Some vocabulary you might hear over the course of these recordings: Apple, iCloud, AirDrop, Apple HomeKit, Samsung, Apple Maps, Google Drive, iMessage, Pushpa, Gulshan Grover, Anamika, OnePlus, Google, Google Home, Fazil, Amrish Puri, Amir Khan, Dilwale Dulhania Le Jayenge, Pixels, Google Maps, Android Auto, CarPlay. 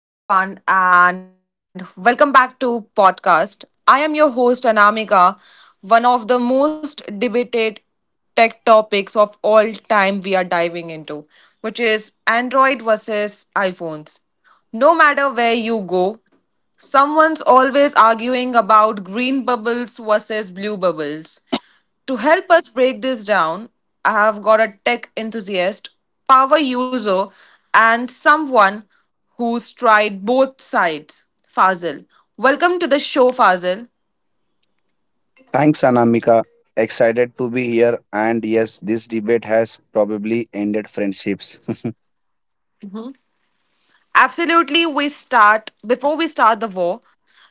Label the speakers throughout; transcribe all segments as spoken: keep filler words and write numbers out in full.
Speaker 1: Uh, hello, everyone, and welcome back to podcast. I am your host Anamika. One of the most debated tech topics of all time we are diving into, which is Android versus iPhones. No matter where you go, someone's always arguing about green bubbles versus blue bubbles. To help us break this down, I have got a tech enthusiast, power user, and someone who's tried both sides, Fazil. Welcome to the show, Fazil.
Speaker 2: Thanks, Anamika. Excited to be here. And yes, this debate has probably ended friendships.
Speaker 1: Absolutely, we start before we start the war.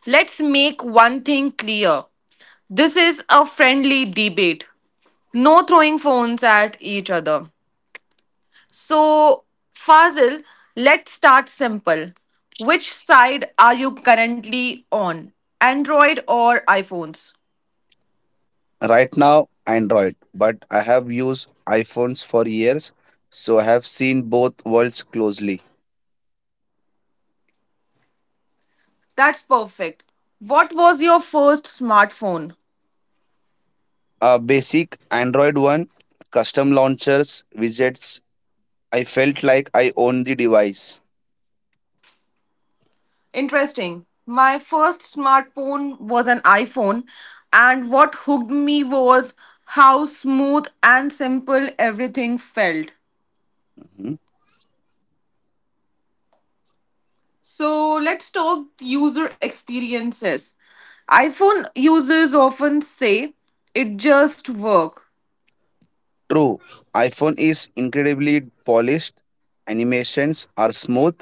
Speaker 1: Let's make one thing clear. This is a friendly debate. No throwing phones at each other. So, Fazil, let's start simple. Which side are you currently on? Android or iPhones?
Speaker 2: Right now, Android, but I have used iPhones for years, so I have seen both worlds closely.
Speaker 1: That's perfect. What was your first smartphone?
Speaker 2: A basic Android one, custom launchers, widgets. I felt like I own the device.
Speaker 1: Interesting. My first smartphone was an iPhone, and what hooked me was how smooth and simple everything felt.
Speaker 2: Mhm.
Speaker 1: So let's talk user experiences. iPhone users often say it just works,
Speaker 2: True, iPhone is incredibly polished, animations are smooth,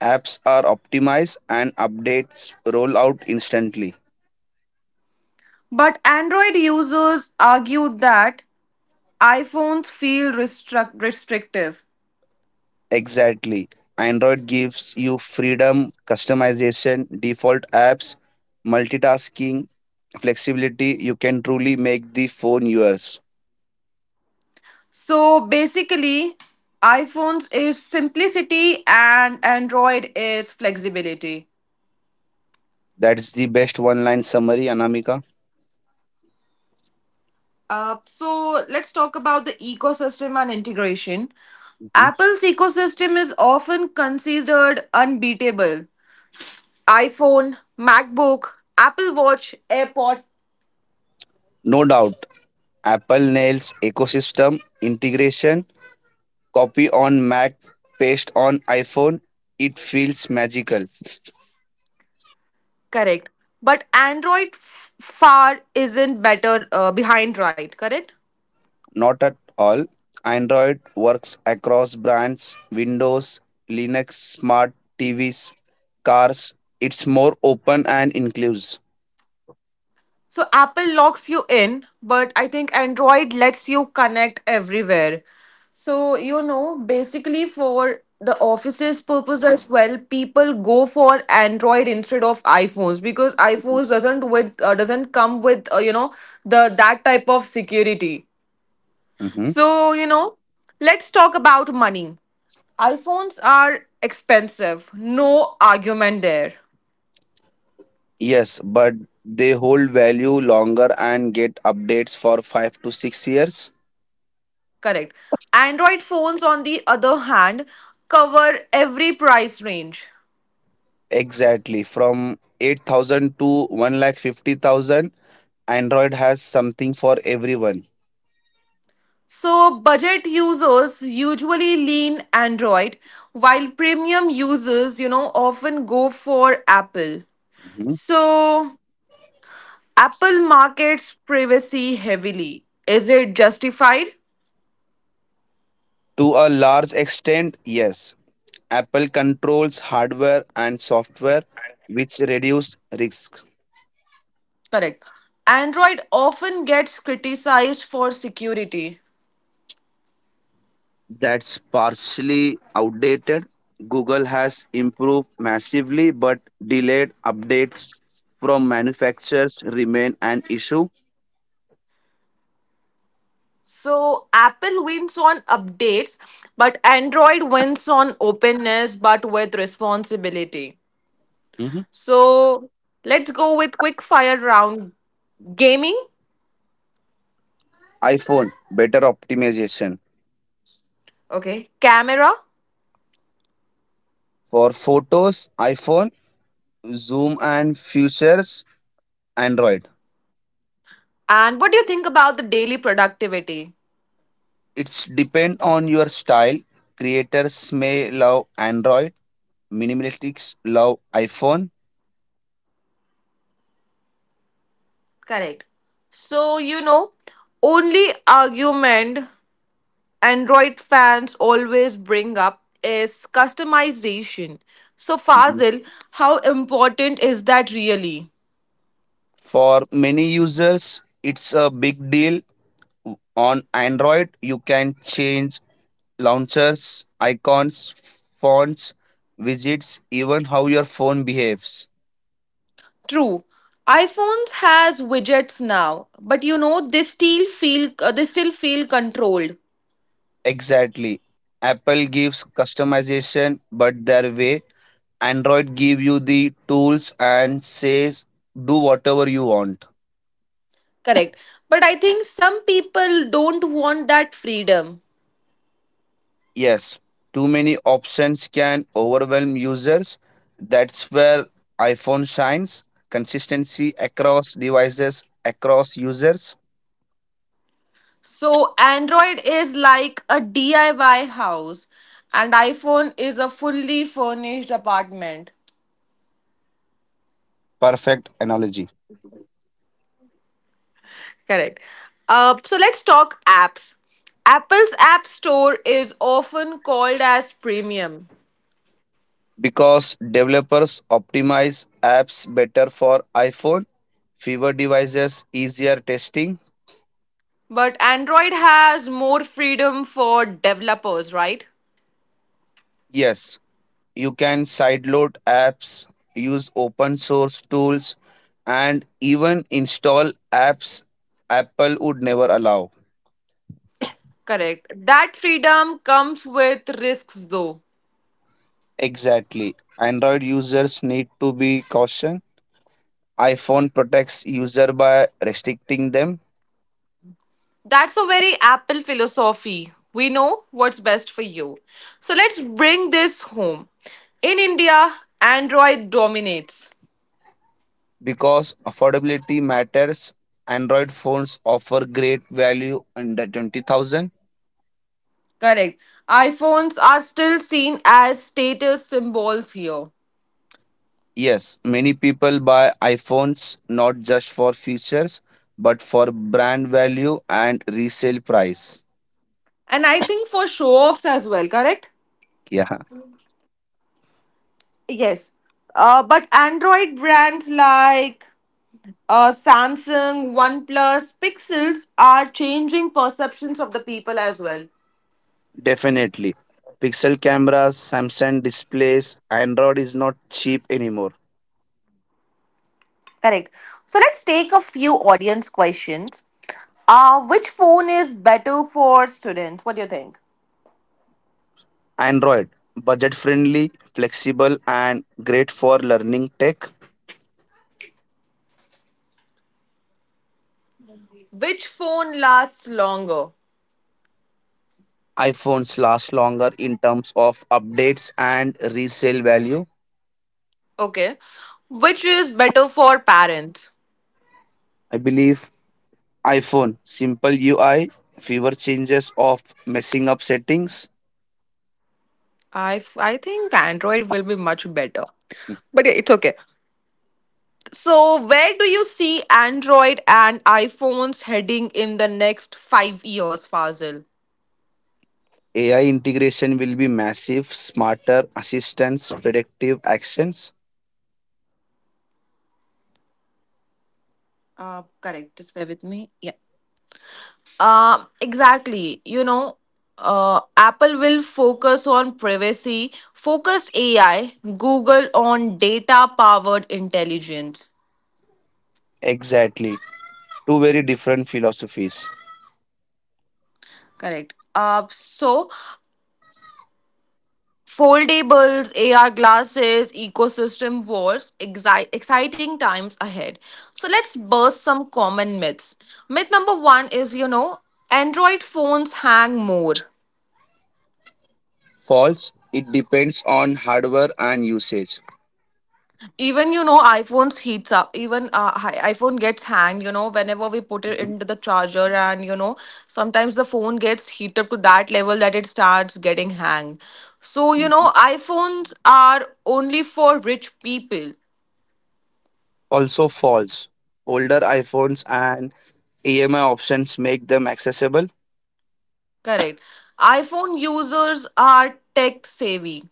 Speaker 2: apps are optimized, and updates roll out instantly.
Speaker 1: but Android users argue that iPhones feel restrict- restrictive.
Speaker 2: Exactly. Android gives you freedom, customization, default apps, multitasking, flexibility. You can truly make the phone yours.
Speaker 1: So basically, iPhones is simplicity and Android is flexibility.
Speaker 2: That's the best one line summary, Anamika.
Speaker 1: Uh, so let's talk about the ecosystem and integration.
Speaker 2: Mhm.
Speaker 1: Apple's ecosystem is often considered unbeatable, iPhone, MacBook, Apple Watch, AirPods,
Speaker 2: No doubt. Apple nails ecosystem integration, copy on Mac, paste on iPhone. It feels magical.
Speaker 1: correct. But Android f- far isn't better uh, behind, right? Correct?
Speaker 2: Not at all. Android works across brands, Windows, Linux, smart T Vs, cars. It's more open and inclusive.
Speaker 1: So Apple locks you in, but I think Android lets you connect everywhere. So, you know, basically for the office's purpose as well, people go for Android instead of iPhones because iPhones doesn't with uh, doesn't come with uh, you know the that type of security.
Speaker 2: Mhm.
Speaker 1: So, you know, let's talk about money. iPhones are expensive. No argument there.
Speaker 2: Yes, but they hold value longer and get updates for five to six years.
Speaker 1: Correct. Android phones, on the other hand, cover every price range.
Speaker 2: Exactly. From eight thousand to one lakh fifty thousand. Android has something for everyone.
Speaker 1: So, budget users usually lean Android, while premium users, you know, often go for Apple.
Speaker 2: Mhm.
Speaker 1: So, Apple markets privacy heavily. Is it justified?
Speaker 2: To a large extent, yes. Apple controls hardware and software, which reduce risk.
Speaker 1: Correct. Android often gets criticized for security.
Speaker 2: That's partially outdated. Google has improved massively, but delayed updates from manufacturers remain an issue.
Speaker 1: So Apple wins on updates, but Android wins on openness but with responsibility.
Speaker 2: Mhm.
Speaker 1: So let's go with quick fire round gaming,
Speaker 2: iPhone better optimization
Speaker 1: okay, camera,
Speaker 2: for photos, iPhone, zoom and features, Android.
Speaker 1: and what do you think about the daily productivity?
Speaker 2: It's depend on your style. Creators may love Android, minimalists love iPhone.
Speaker 1: Correct. So you know, only argument Android fans always bring up is customization. So, Fazil, how important is that really?
Speaker 2: For many users, it's a big deal. On Android, you can change launchers, icons, fonts, widgets, even how your phone behaves.
Speaker 1: True. iPhones has widgets now, but you know they still feel uh, they still feel controlled.
Speaker 2: Exactly. Apple gives customization, but their way, Android give you the tools and says do whatever you want.
Speaker 1: Correct. But I think some people don't want that freedom.
Speaker 2: Yes, too many options can overwhelm users. That's where iPhone shines. Consistency across devices, across users.
Speaker 1: So Android is like a D I Y house and iPhone is a fully furnished apartment.
Speaker 2: Perfect analogy.
Speaker 1: Correct. Uh, so let's talk apps. Apple's App Store is often called as premium,
Speaker 2: Because developers optimize apps better for iPhone, fewer devices, easier testing.
Speaker 1: but Android has more freedom for developers, right?
Speaker 2: Yes, you can sideload apps, use open source tools, and even install apps Apple would never allow.
Speaker 1: Correct. That freedom comes with risks, though.
Speaker 2: Exactly. Android users need to be cautious. iPhone protects user by restricting them,
Speaker 1: That's a very Apple philosophy. We know what's best for you. So let's bring this home. In India, Android dominates.
Speaker 2: because affordability matters. Android phones offer great value under twenty thousand.
Speaker 1: Correct. iPhones are still seen as status symbols here.
Speaker 2: Yes, many people buy iPhones not just for features but for brand value and resale price.
Speaker 1: And I think for show offs as well, correct?
Speaker 2: Yeah,
Speaker 1: Yes. Uh, but Android brands like uh, Samsung, OnePlus, Pixels are changing perceptions of the people as well.
Speaker 2: definitely. Pixel cameras, Samsung displays, Android is not cheap anymore.
Speaker 1: Correct. So let's take a few audience questions. Uh, which phone is better for students? What do you think?
Speaker 2: Android, budget friendly, flexible, and great for learning tech.
Speaker 1: Which phone lasts longer?
Speaker 2: iPhones last longer in terms of updates and resale value.
Speaker 1: Okay. Which is better for parents?
Speaker 2: I believe iPhone, simple U I, fewer changes of messing up settings.
Speaker 1: I, f- I think Android will be much better. But yeah, it's okay. So, where do you see Android and iPhones heading in the next five years, Fazil?
Speaker 2: A I integration will be massive, smarter assistance, predictive actions.
Speaker 1: Uh, correct. Just bear with me. Yeah. Uh, exactly. You know, uh, Apple will focus on privacy, focused A I, Google on data powered intelligence.
Speaker 2: Exactly. Two very different philosophies.
Speaker 1: Correct. Uh, so Foldables, A R glasses, ecosystem wars, exi- exciting times ahead. So let's burst some common myths. Myth number one is you know, Android phones hang more.
Speaker 2: False, it depends on hardware and usage.
Speaker 1: Even you know, iPhones heats up. Even uh, hi- iPhone gets hanged. You know, whenever we put it
Speaker 2: Mhm.
Speaker 1: into the charger, and you know, sometimes the phone gets heated up to that level that it starts getting hanged. So you know, iPhones are only for rich people.
Speaker 2: Also false. Older iPhones and E M I options make them accessible,
Speaker 1: Correct. iPhone users are tech savvy.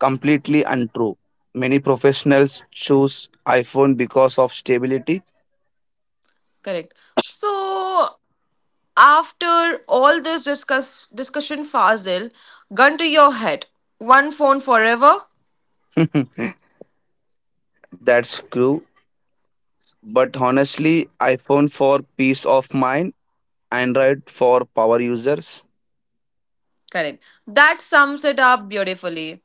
Speaker 2: completely untrue. Many professionals choose iPhone because of stability.
Speaker 1: Correct. So after all this discuss discussion, Fazil, gun to your head. One phone forever.
Speaker 2: That's true. But honestly, iPhone for peace of mind, Android for power users.
Speaker 1: Correct. That sums it up beautifully.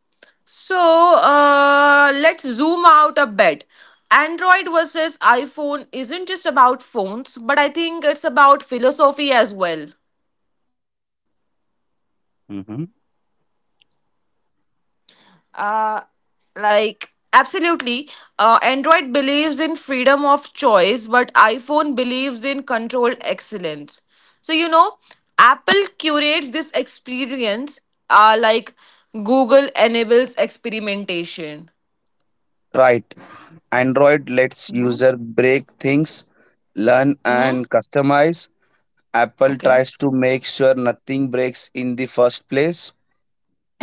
Speaker 1: So uh, let's zoom out a bit. Android versus iPhone isn't just about phones, but I think it's about philosophy as well.
Speaker 2: Hmm.
Speaker 1: Uh, like absolutely uh, android believes in freedom of choice but iphone believes in controlled excellence so you know apple curates this experience uh, like google enables experimentation.
Speaker 2: Right. Android lets user break things, learn
Speaker 1: Hmm.
Speaker 2: and customize. Apple
Speaker 1: Okay,
Speaker 2: tries to make sure nothing breaks in the first place.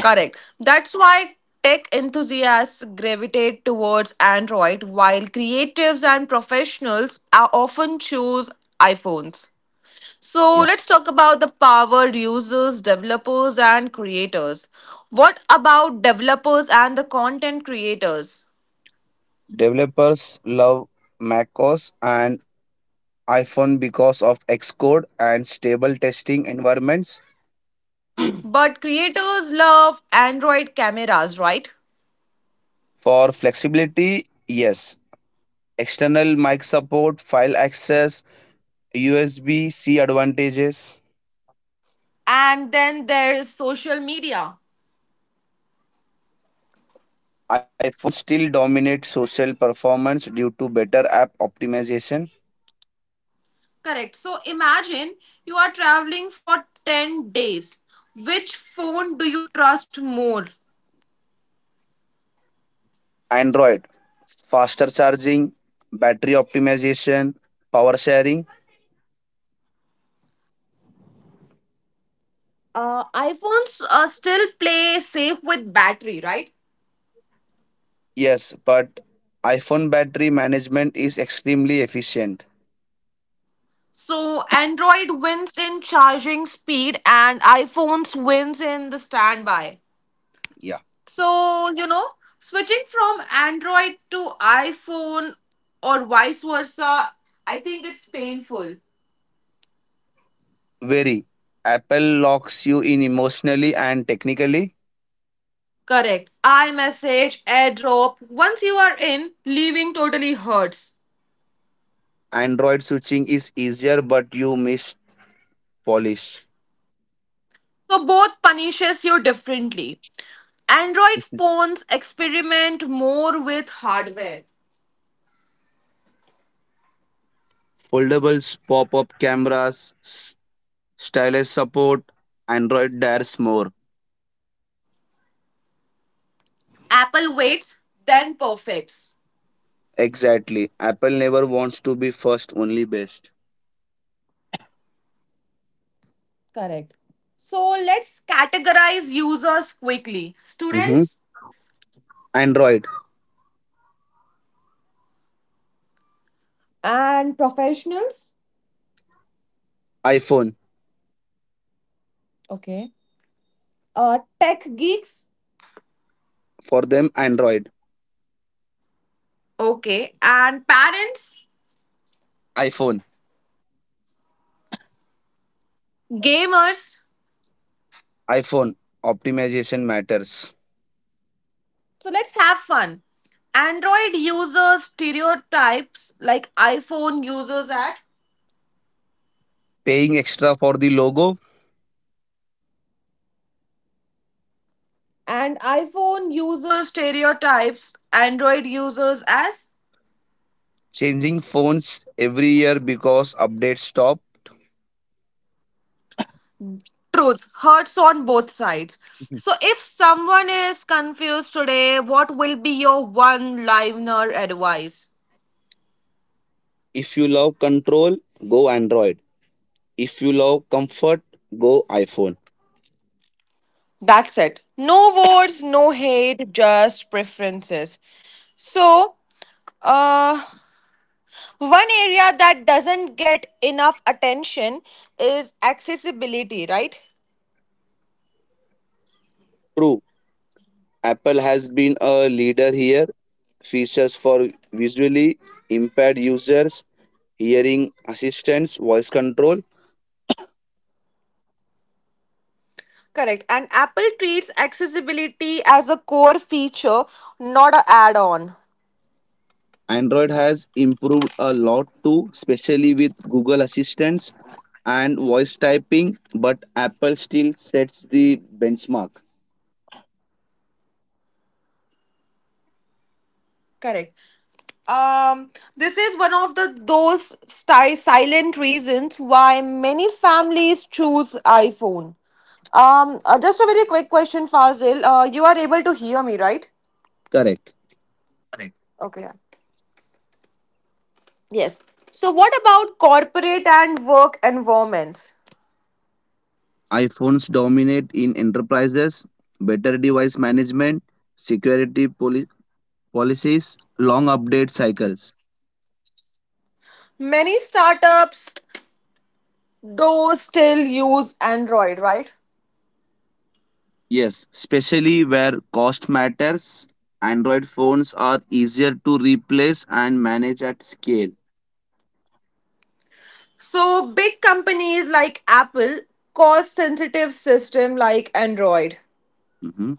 Speaker 1: correct, that's why tech enthusiasts gravitate towards android while creatives and professionals are often choose iphones. So let's talk about the power users, developers, and creators. What about developers and the content creators?
Speaker 2: Developers love macOS and iPhone because of Xcode and stable testing environments.
Speaker 1: But creators love Android cameras, right?
Speaker 2: For flexibility, yes. External mic support, file access, U S B-C advantages.
Speaker 1: And then there's social media.
Speaker 2: iPhone still dominates social performance due to better app optimization.
Speaker 1: Correct. So imagine you are traveling for ten days. Which phone do you trust more?
Speaker 2: Android, faster charging, battery optimization, power sharing.
Speaker 1: Uh, iPhones uh, still play safe with battery, right?
Speaker 2: Yes, but iPhone battery management is extremely efficient.
Speaker 1: So Android wins in charging speed and iPhones wins in the standby.
Speaker 2: Yeah.
Speaker 1: So, you know, switching from Android to iPhone or vice versa, I think it's painful.
Speaker 2: Very. Apple locks you in emotionally and technically.
Speaker 1: Correct. iMessage, AirDrop, once you are in, leaving totally hurts.
Speaker 2: Android switching is easier, but you miss polish.
Speaker 1: So both punishes you differently. Android phones experiment more with hardware.
Speaker 2: Foldables, pop up cameras, s- stylus support. Android dares more.
Speaker 1: Apple waits, then perfects.
Speaker 2: Exactly. Apple never wants to be first, only best.
Speaker 1: Correct. So let's categorize users quickly.
Speaker 2: Hmm.
Speaker 1: Students
Speaker 2: Android,
Speaker 1: and professionals.
Speaker 2: iPhone.
Speaker 1: Okay. Uh, tech geeks,
Speaker 2: For them, Android,
Speaker 1: okay, and parents,
Speaker 2: iPhone,
Speaker 1: gamers.
Speaker 2: iPhone. Optimization matters.
Speaker 1: So let's have fun. Android users stereotypes like iPhone users at,
Speaker 2: Paying extra for the logo,
Speaker 1: and iPhone users stereotypes Android users as
Speaker 2: changing phones every year because updates stop.
Speaker 1: truth hurts on both sides. So, if someone is confused today, what will be your one liner advice?
Speaker 2: If you love control, go Android. If you love comfort, go iPhone.
Speaker 1: That's it. No words, no hate, just preferences. So, uh, one area that doesn't get enough attention is accessibility, right?
Speaker 2: True, Apple has been a leader here. Features for visually impaired users, hearing assistance, voice control.
Speaker 1: Correct. And Apple treats accessibility as a core feature, not an add on.
Speaker 2: Android has improved a lot too, especially with Google Assistance and voice typing, but Apple still sets the benchmark.
Speaker 1: Correct. Um, this is one of the those sti- silent reasons why many families choose iPhone. Um, uh, just a very quick question, Fazil. Uh, you are able to hear me, right?
Speaker 2: Correct.
Speaker 1: Okay. Yes. So, what about corporate and work environments?
Speaker 2: iPhones dominate in enterprises, better device management, security poli- policies, long update cycles.
Speaker 1: Many startups, though, still use Android, right?
Speaker 2: Yes, especially where cost matters, Android phones are easier to replace and manage at scale.
Speaker 1: So, big companies like Apple cost sensitive system like Android.
Speaker 2: Mhm.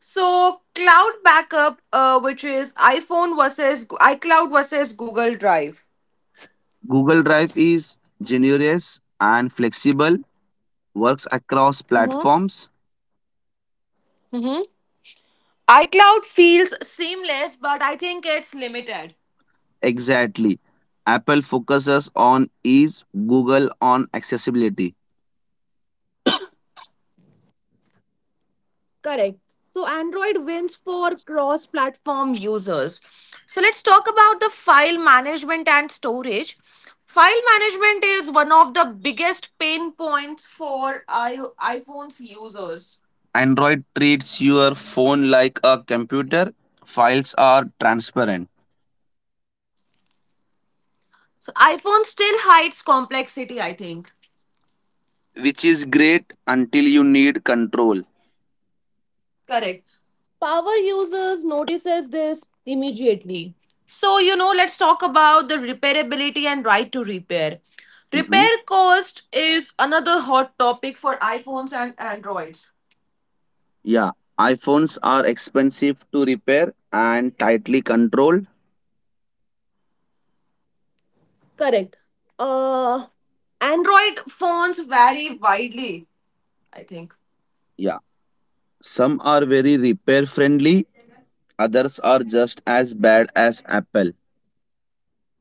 Speaker 1: So cloud backup, uh, which is iPhone versus iCloud versus Google Drive.
Speaker 2: Google Drive is generous and flexible, works across
Speaker 1: Mm-hmm.
Speaker 2: platforms.
Speaker 1: Mm-hmm. iCloud feels seamless, but I think it's limited.
Speaker 2: Exactly. Apple focuses on ease, Google on accessibility.
Speaker 1: Correct. So Android wins for cross platform users. So let's talk about the file management and storage. File management is one of the biggest pain points for I- iPhone's users.
Speaker 2: Android treats your phone like a computer. Files are transparent,
Speaker 1: So iPhone still hides complexity, I think.
Speaker 2: which is great until you need control.
Speaker 1: Correct. Power users notices this immediately. So, you know, let's talk about the repairability and right to repair.
Speaker 2: Mhm.
Speaker 1: Repair cost is another hot topic for iPhones and Androids.
Speaker 2: Yeah, iPhones are expensive to repair and tightly controlled.
Speaker 1: Correct. Uh, Android phones vary widely, I think.
Speaker 2: Yeah, some are very repair friendly, others are just as bad as Apple.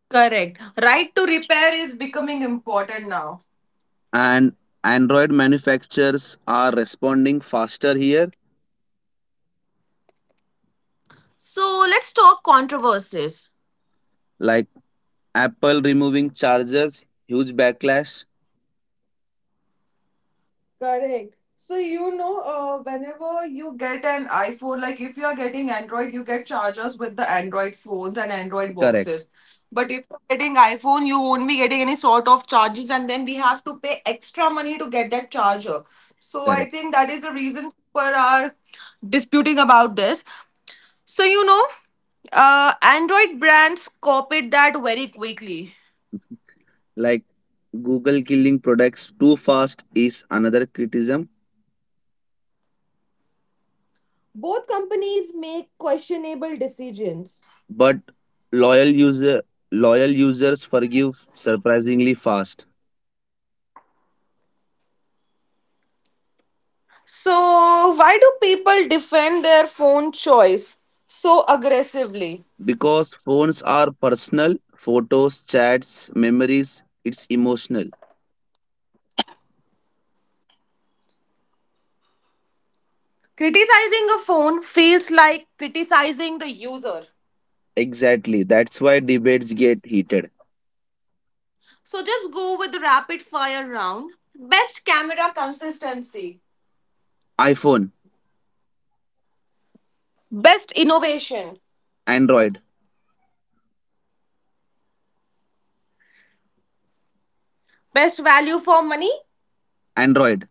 Speaker 1: Correct. Right to repair is becoming important now.
Speaker 2: And Android manufacturers are responding faster here,
Speaker 1: So, let's talk controversies.
Speaker 2: like Apple removing chargers, huge backlash.
Speaker 1: Correct. So you know, uh, whenever you get an iPhone, like if you are getting Android, you get chargers with the Android phones and Android
Speaker 2: Correct,
Speaker 1: boxes. But if you're getting iPhone, you won't be getting any sort of charges, and then we have to pay extra money to get that charger. So I
Speaker 2: correct.
Speaker 1: think that is the reason people are disputing about this. So you know, uh, Android brands copied that very quickly.
Speaker 2: Like Google killing products too fast is another criticism,
Speaker 1: Both companies make questionable decisions.
Speaker 2: but loyal user loyal users forgive surprisingly fast,
Speaker 1: So, why do people defend their phone choice so aggressively?
Speaker 2: because phones are personal, photos, chats, memories, it's emotional.
Speaker 1: Criticizing a phone feels like criticizing the user.
Speaker 2: Exactly, that's why debates get heated.
Speaker 1: So, just go with the rapid fire round. Best camera consistency,
Speaker 2: iPhone,
Speaker 1: best innovation,
Speaker 2: Android,
Speaker 1: best value for money,
Speaker 2: Android,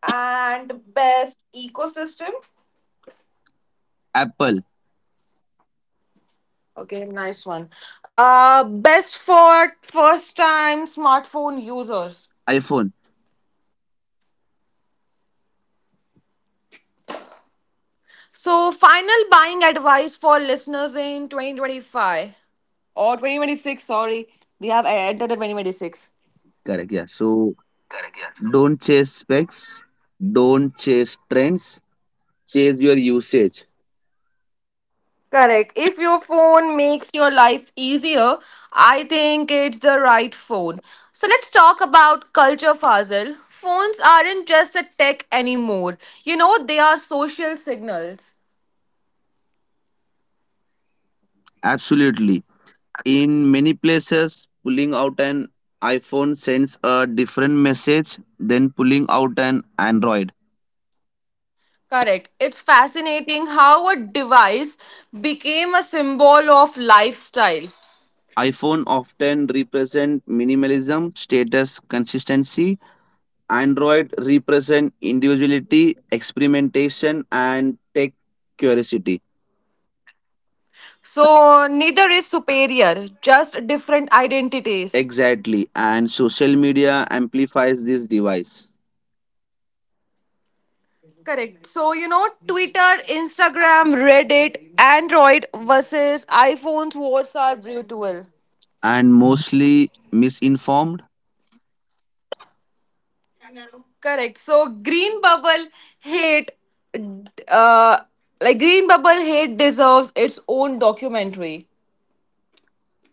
Speaker 1: and best ecosystem.
Speaker 2: Apple,
Speaker 1: Okay, nice one. Uh, best for first time smartphone users.
Speaker 2: iPhone.
Speaker 1: So, final buying advice for listeners in twenty twenty-five. Or twenty twenty-six, sorry. We have entered at two thousand twenty-six.
Speaker 2: Correct, yeah. So don't chase specs, don't chase trends, chase your usage.
Speaker 1: Correct. If your phone makes your life easier, I think it's the right phone. So let's talk about culture, Fazil. Phones aren't just a tech anymore. You know, they are social signals.
Speaker 2: Absolutely. In many places, pulling out an iPhone sends a different message than pulling out an Android.
Speaker 1: Correct. It's fascinating how a device became a symbol of lifestyle.
Speaker 2: iPhone often represent minimalism, status, consistency. Android represent individuality, experimentation, and tech curiosity.
Speaker 1: So neither is superior, just different identities.
Speaker 2: Exactly, and social media amplifies this device.
Speaker 1: Correct. So you know, Twitter, Instagram, Reddit, Android versus iPhone's wars are brutal.
Speaker 2: And mostly misinformed.
Speaker 1: Correct. So green bubble hate, uh, like green bubble hate deserves its own documentary.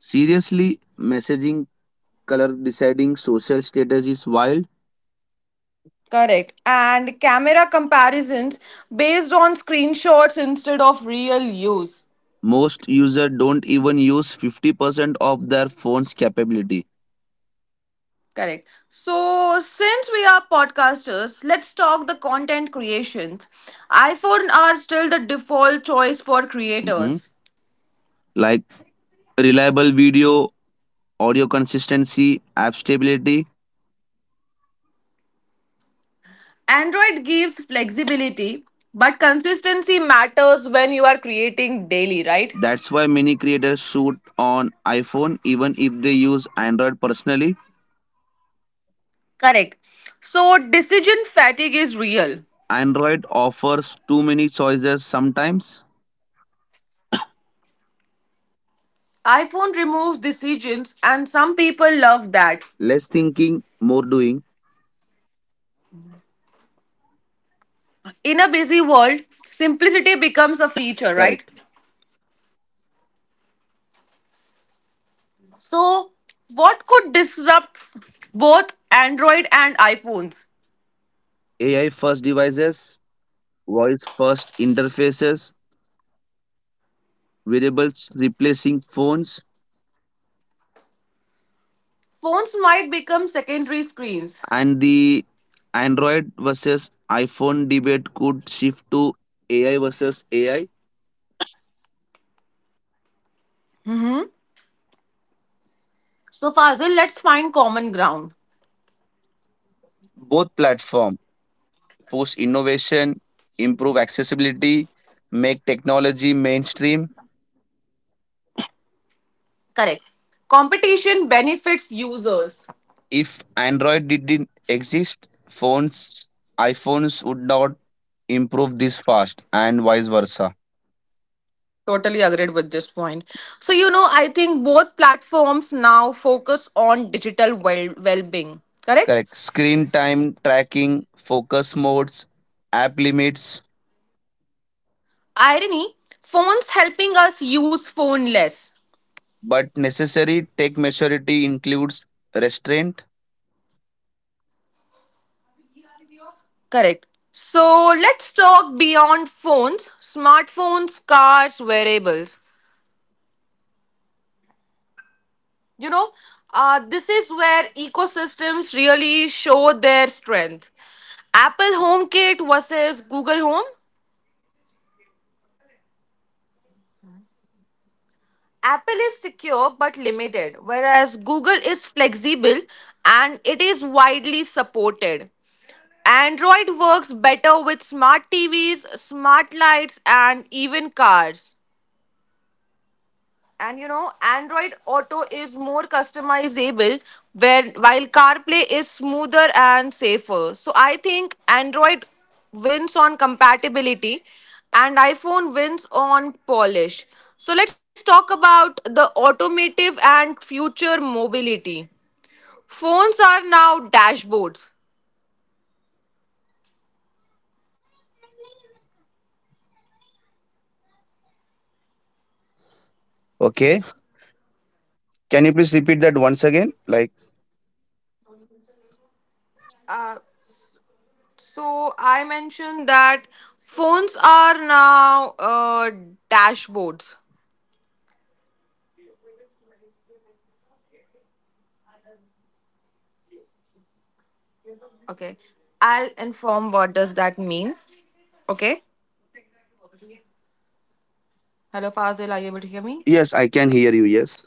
Speaker 2: Seriously, messaging, color deciding, social status is wild.
Speaker 1: Correct. And camera comparisons based on screenshots instead of real use.
Speaker 2: Most users don't even use fifty percent of their phone's capability.
Speaker 1: Correct. So, since we are podcasters, let's talk the content creations. iPhone are still the default choice for
Speaker 2: Mhm.
Speaker 1: creators.
Speaker 2: Like reliable video, audio consistency, app stability.
Speaker 1: Android gives flexibility, but consistency matters when you are creating daily, right?
Speaker 2: That's why many creators shoot on iPhone even if they use Android personally.
Speaker 1: Correct. So, decision fatigue is real.
Speaker 2: Android offers too many choices sometimes.
Speaker 1: iPhone removes decisions, and some people love that.
Speaker 2: Less thinking, more doing.
Speaker 1: In a busy world, simplicity becomes a feature, right?
Speaker 2: Correct.
Speaker 1: So, what could disrupt both Android and iPhones?
Speaker 2: AI first devices, voice first interfaces, variables replacing phones.
Speaker 1: Phones might become secondary screens.
Speaker 2: And the Android versus iPhone debate could shift to A I versus A I.
Speaker 1: So, Fazil, let's find common ground.
Speaker 2: Both platforms push innovation, improve accessibility, make technology mainstream.
Speaker 1: Correct. Competition benefits users.
Speaker 2: If Android didn't exist, phones iPhones would not improve this fast and vice versa.
Speaker 1: Totally agreed with this point. So, you know, I think both platforms now focus on digital well being. Correct?
Speaker 2: Correct. Screen time tracking, focus modes, app limits,
Speaker 1: Irony phones helping us use phone less,
Speaker 2: but necessary tech maturity includes restraint.
Speaker 1: correct. So let's talk beyond phones, smartphones, cars, wearables. You know, uh, this is where ecosystems really show their strength. Apple HomeKit versus Google Home. Apple is secure but limited, whereas Google is flexible and it is widely supported. Android works better with smart T Vs, smart lights, and even cars. And you know, Android Auto is more customizable, where while CarPlay is smoother and safer. So I think Android wins on compatibility, and iPhone wins on polish. So let's talk about the automotive and future mobility. Phones are now dashboards.
Speaker 2: Okay. Can you please repeat that once again? Like,
Speaker 1: So I mentioned that phones are now uh, dashboards. Okay. I'll inform what does that mean. Okay. Hello, Fazil. Are you able to hear me?
Speaker 2: yes, I can hear you. Yes.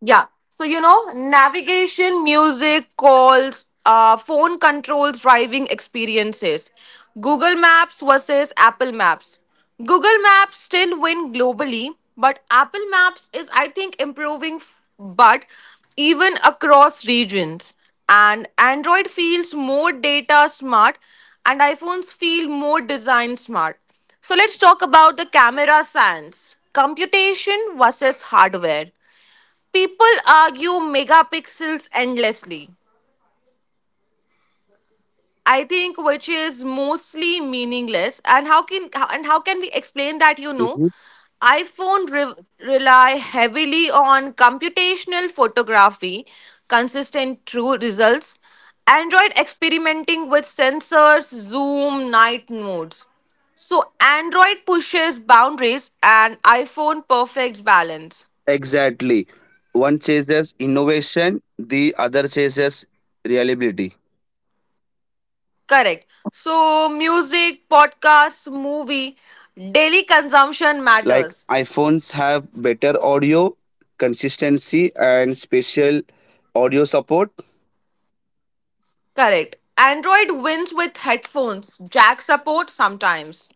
Speaker 1: Yeah. So, you know, navigation, music, calls, uh, phone controls, driving experiences. Google Maps versus Apple Maps. Google Maps still win globally, but Apple Maps is, I think, improving, f- but even across regions. And Android feels more data smart, and iPhones feel more design smart. So let's talk about the camera science. Computation versus hardware. People argue megapixels endlessly. I think which is mostly meaningless. And how can how, and how can we explain that? You know,
Speaker 2: Mhm.
Speaker 1: iPhone re- rely heavily on computational photography, consistent true results. Android experimenting with sensors, zoom, night modes. So Android pushes boundaries and iPhone perfects balance.
Speaker 2: Exactly. One chases innovation, the other chases reliability.
Speaker 1: Correct. So, music, podcasts, movie, daily consumption
Speaker 2: Like,
Speaker 1: matters.
Speaker 2: iPhones have better audio, consistency, and special audio support,
Speaker 1: Correct. Android wins with headphones, jack support sometimes.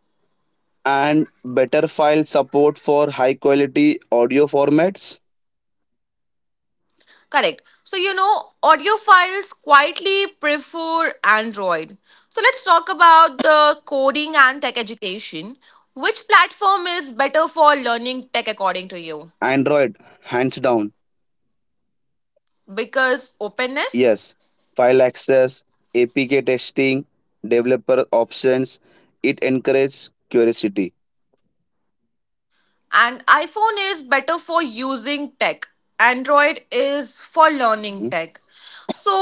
Speaker 2: and better file support for high quality audio formats.
Speaker 1: Correct. So, you know, audiophiles quietly prefer Android. So, let's talk about the coding and tech education. Which platform is better for learning tech according to you?
Speaker 2: Android, hands down.
Speaker 1: Because openness?
Speaker 2: Yes, file access, A P K testing, developer options, it encourages curiosity.
Speaker 1: And iphone is better for using tech, android is for learning
Speaker 2: Mhm.
Speaker 1: tech. So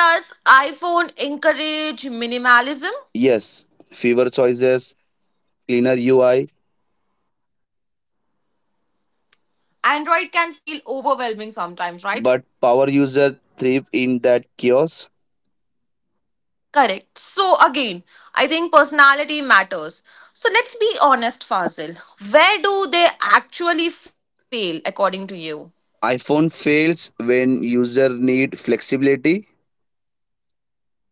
Speaker 1: does iphone encourage minimalism?
Speaker 2: Yes, fewer choices, cleaner U I,
Speaker 1: Android can feel overwhelming sometimes, right?
Speaker 2: but power user thrive in that chaos.
Speaker 1: Correct, so again I think personality matters. So let's be honest, Fazil, where do they actually fail according to you?
Speaker 2: iPhone fails when user need flexibility.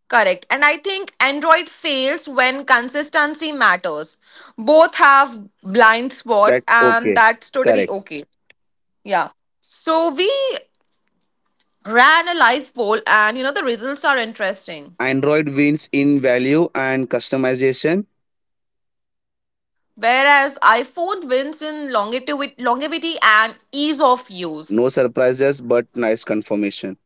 Speaker 1: Correct. And I think Android fails when consistency matters. Both have blind spots,
Speaker 2: That's
Speaker 1: and
Speaker 2: okay.
Speaker 1: that's totally
Speaker 2: Correct.
Speaker 1: okay. Yeah. So we ran a live poll, and you know, the results are interesting.
Speaker 2: Android wins in value and customization.
Speaker 1: Whereas iPhone wins in longevity, longevity and ease of use.
Speaker 2: No surprises, but nice confirmation.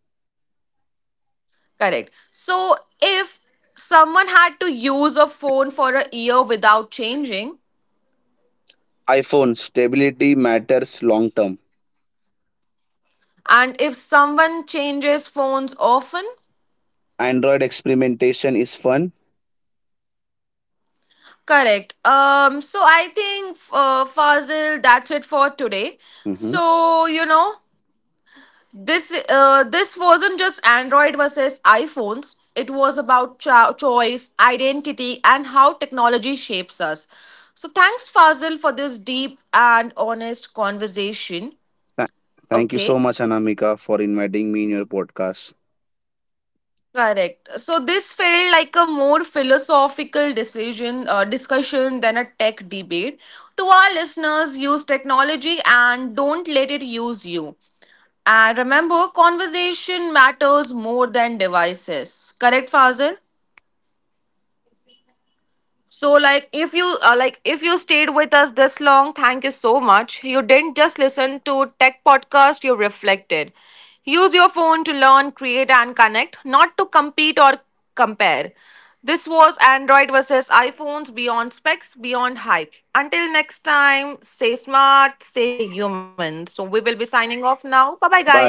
Speaker 1: Correct. So if someone had to use a phone for a year without changing,
Speaker 2: iPhone stability matters long term.
Speaker 1: and if someone changes phones often,
Speaker 2: Android experimentation is fun.
Speaker 1: correct. Um, so I think, uh, Fazil, that's it for today.
Speaker 2: Mhm.
Speaker 1: So you know, this uh, this wasn't just Android versus iPhones. It was about cho- choice, identity, and how technology shapes us. So thanks, Fazil, for this deep and honest conversation.
Speaker 2: Tha- Thank you so
Speaker 1: Okay.
Speaker 2: much, Anamika, for inviting me in your podcast.
Speaker 1: Correct. So this felt like a more philosophical decision uh, discussion than a tech debate. To our listeners, use technology and don't let it use you. And remember, conversation matters more than devices. Correct, Fazil? So, like, if you uh, like, if you stayed with us this long, thank you so much. You didn't just listen to tech podcast; you reflected. Use your phone to learn, create, and connect, not to compete or compare. This was Android versus iPhones beyond specs, beyond hype. Until next time, stay smart, stay human. So, we will be signing off now. Bye bye,
Speaker 2: Bye.
Speaker 1: guys.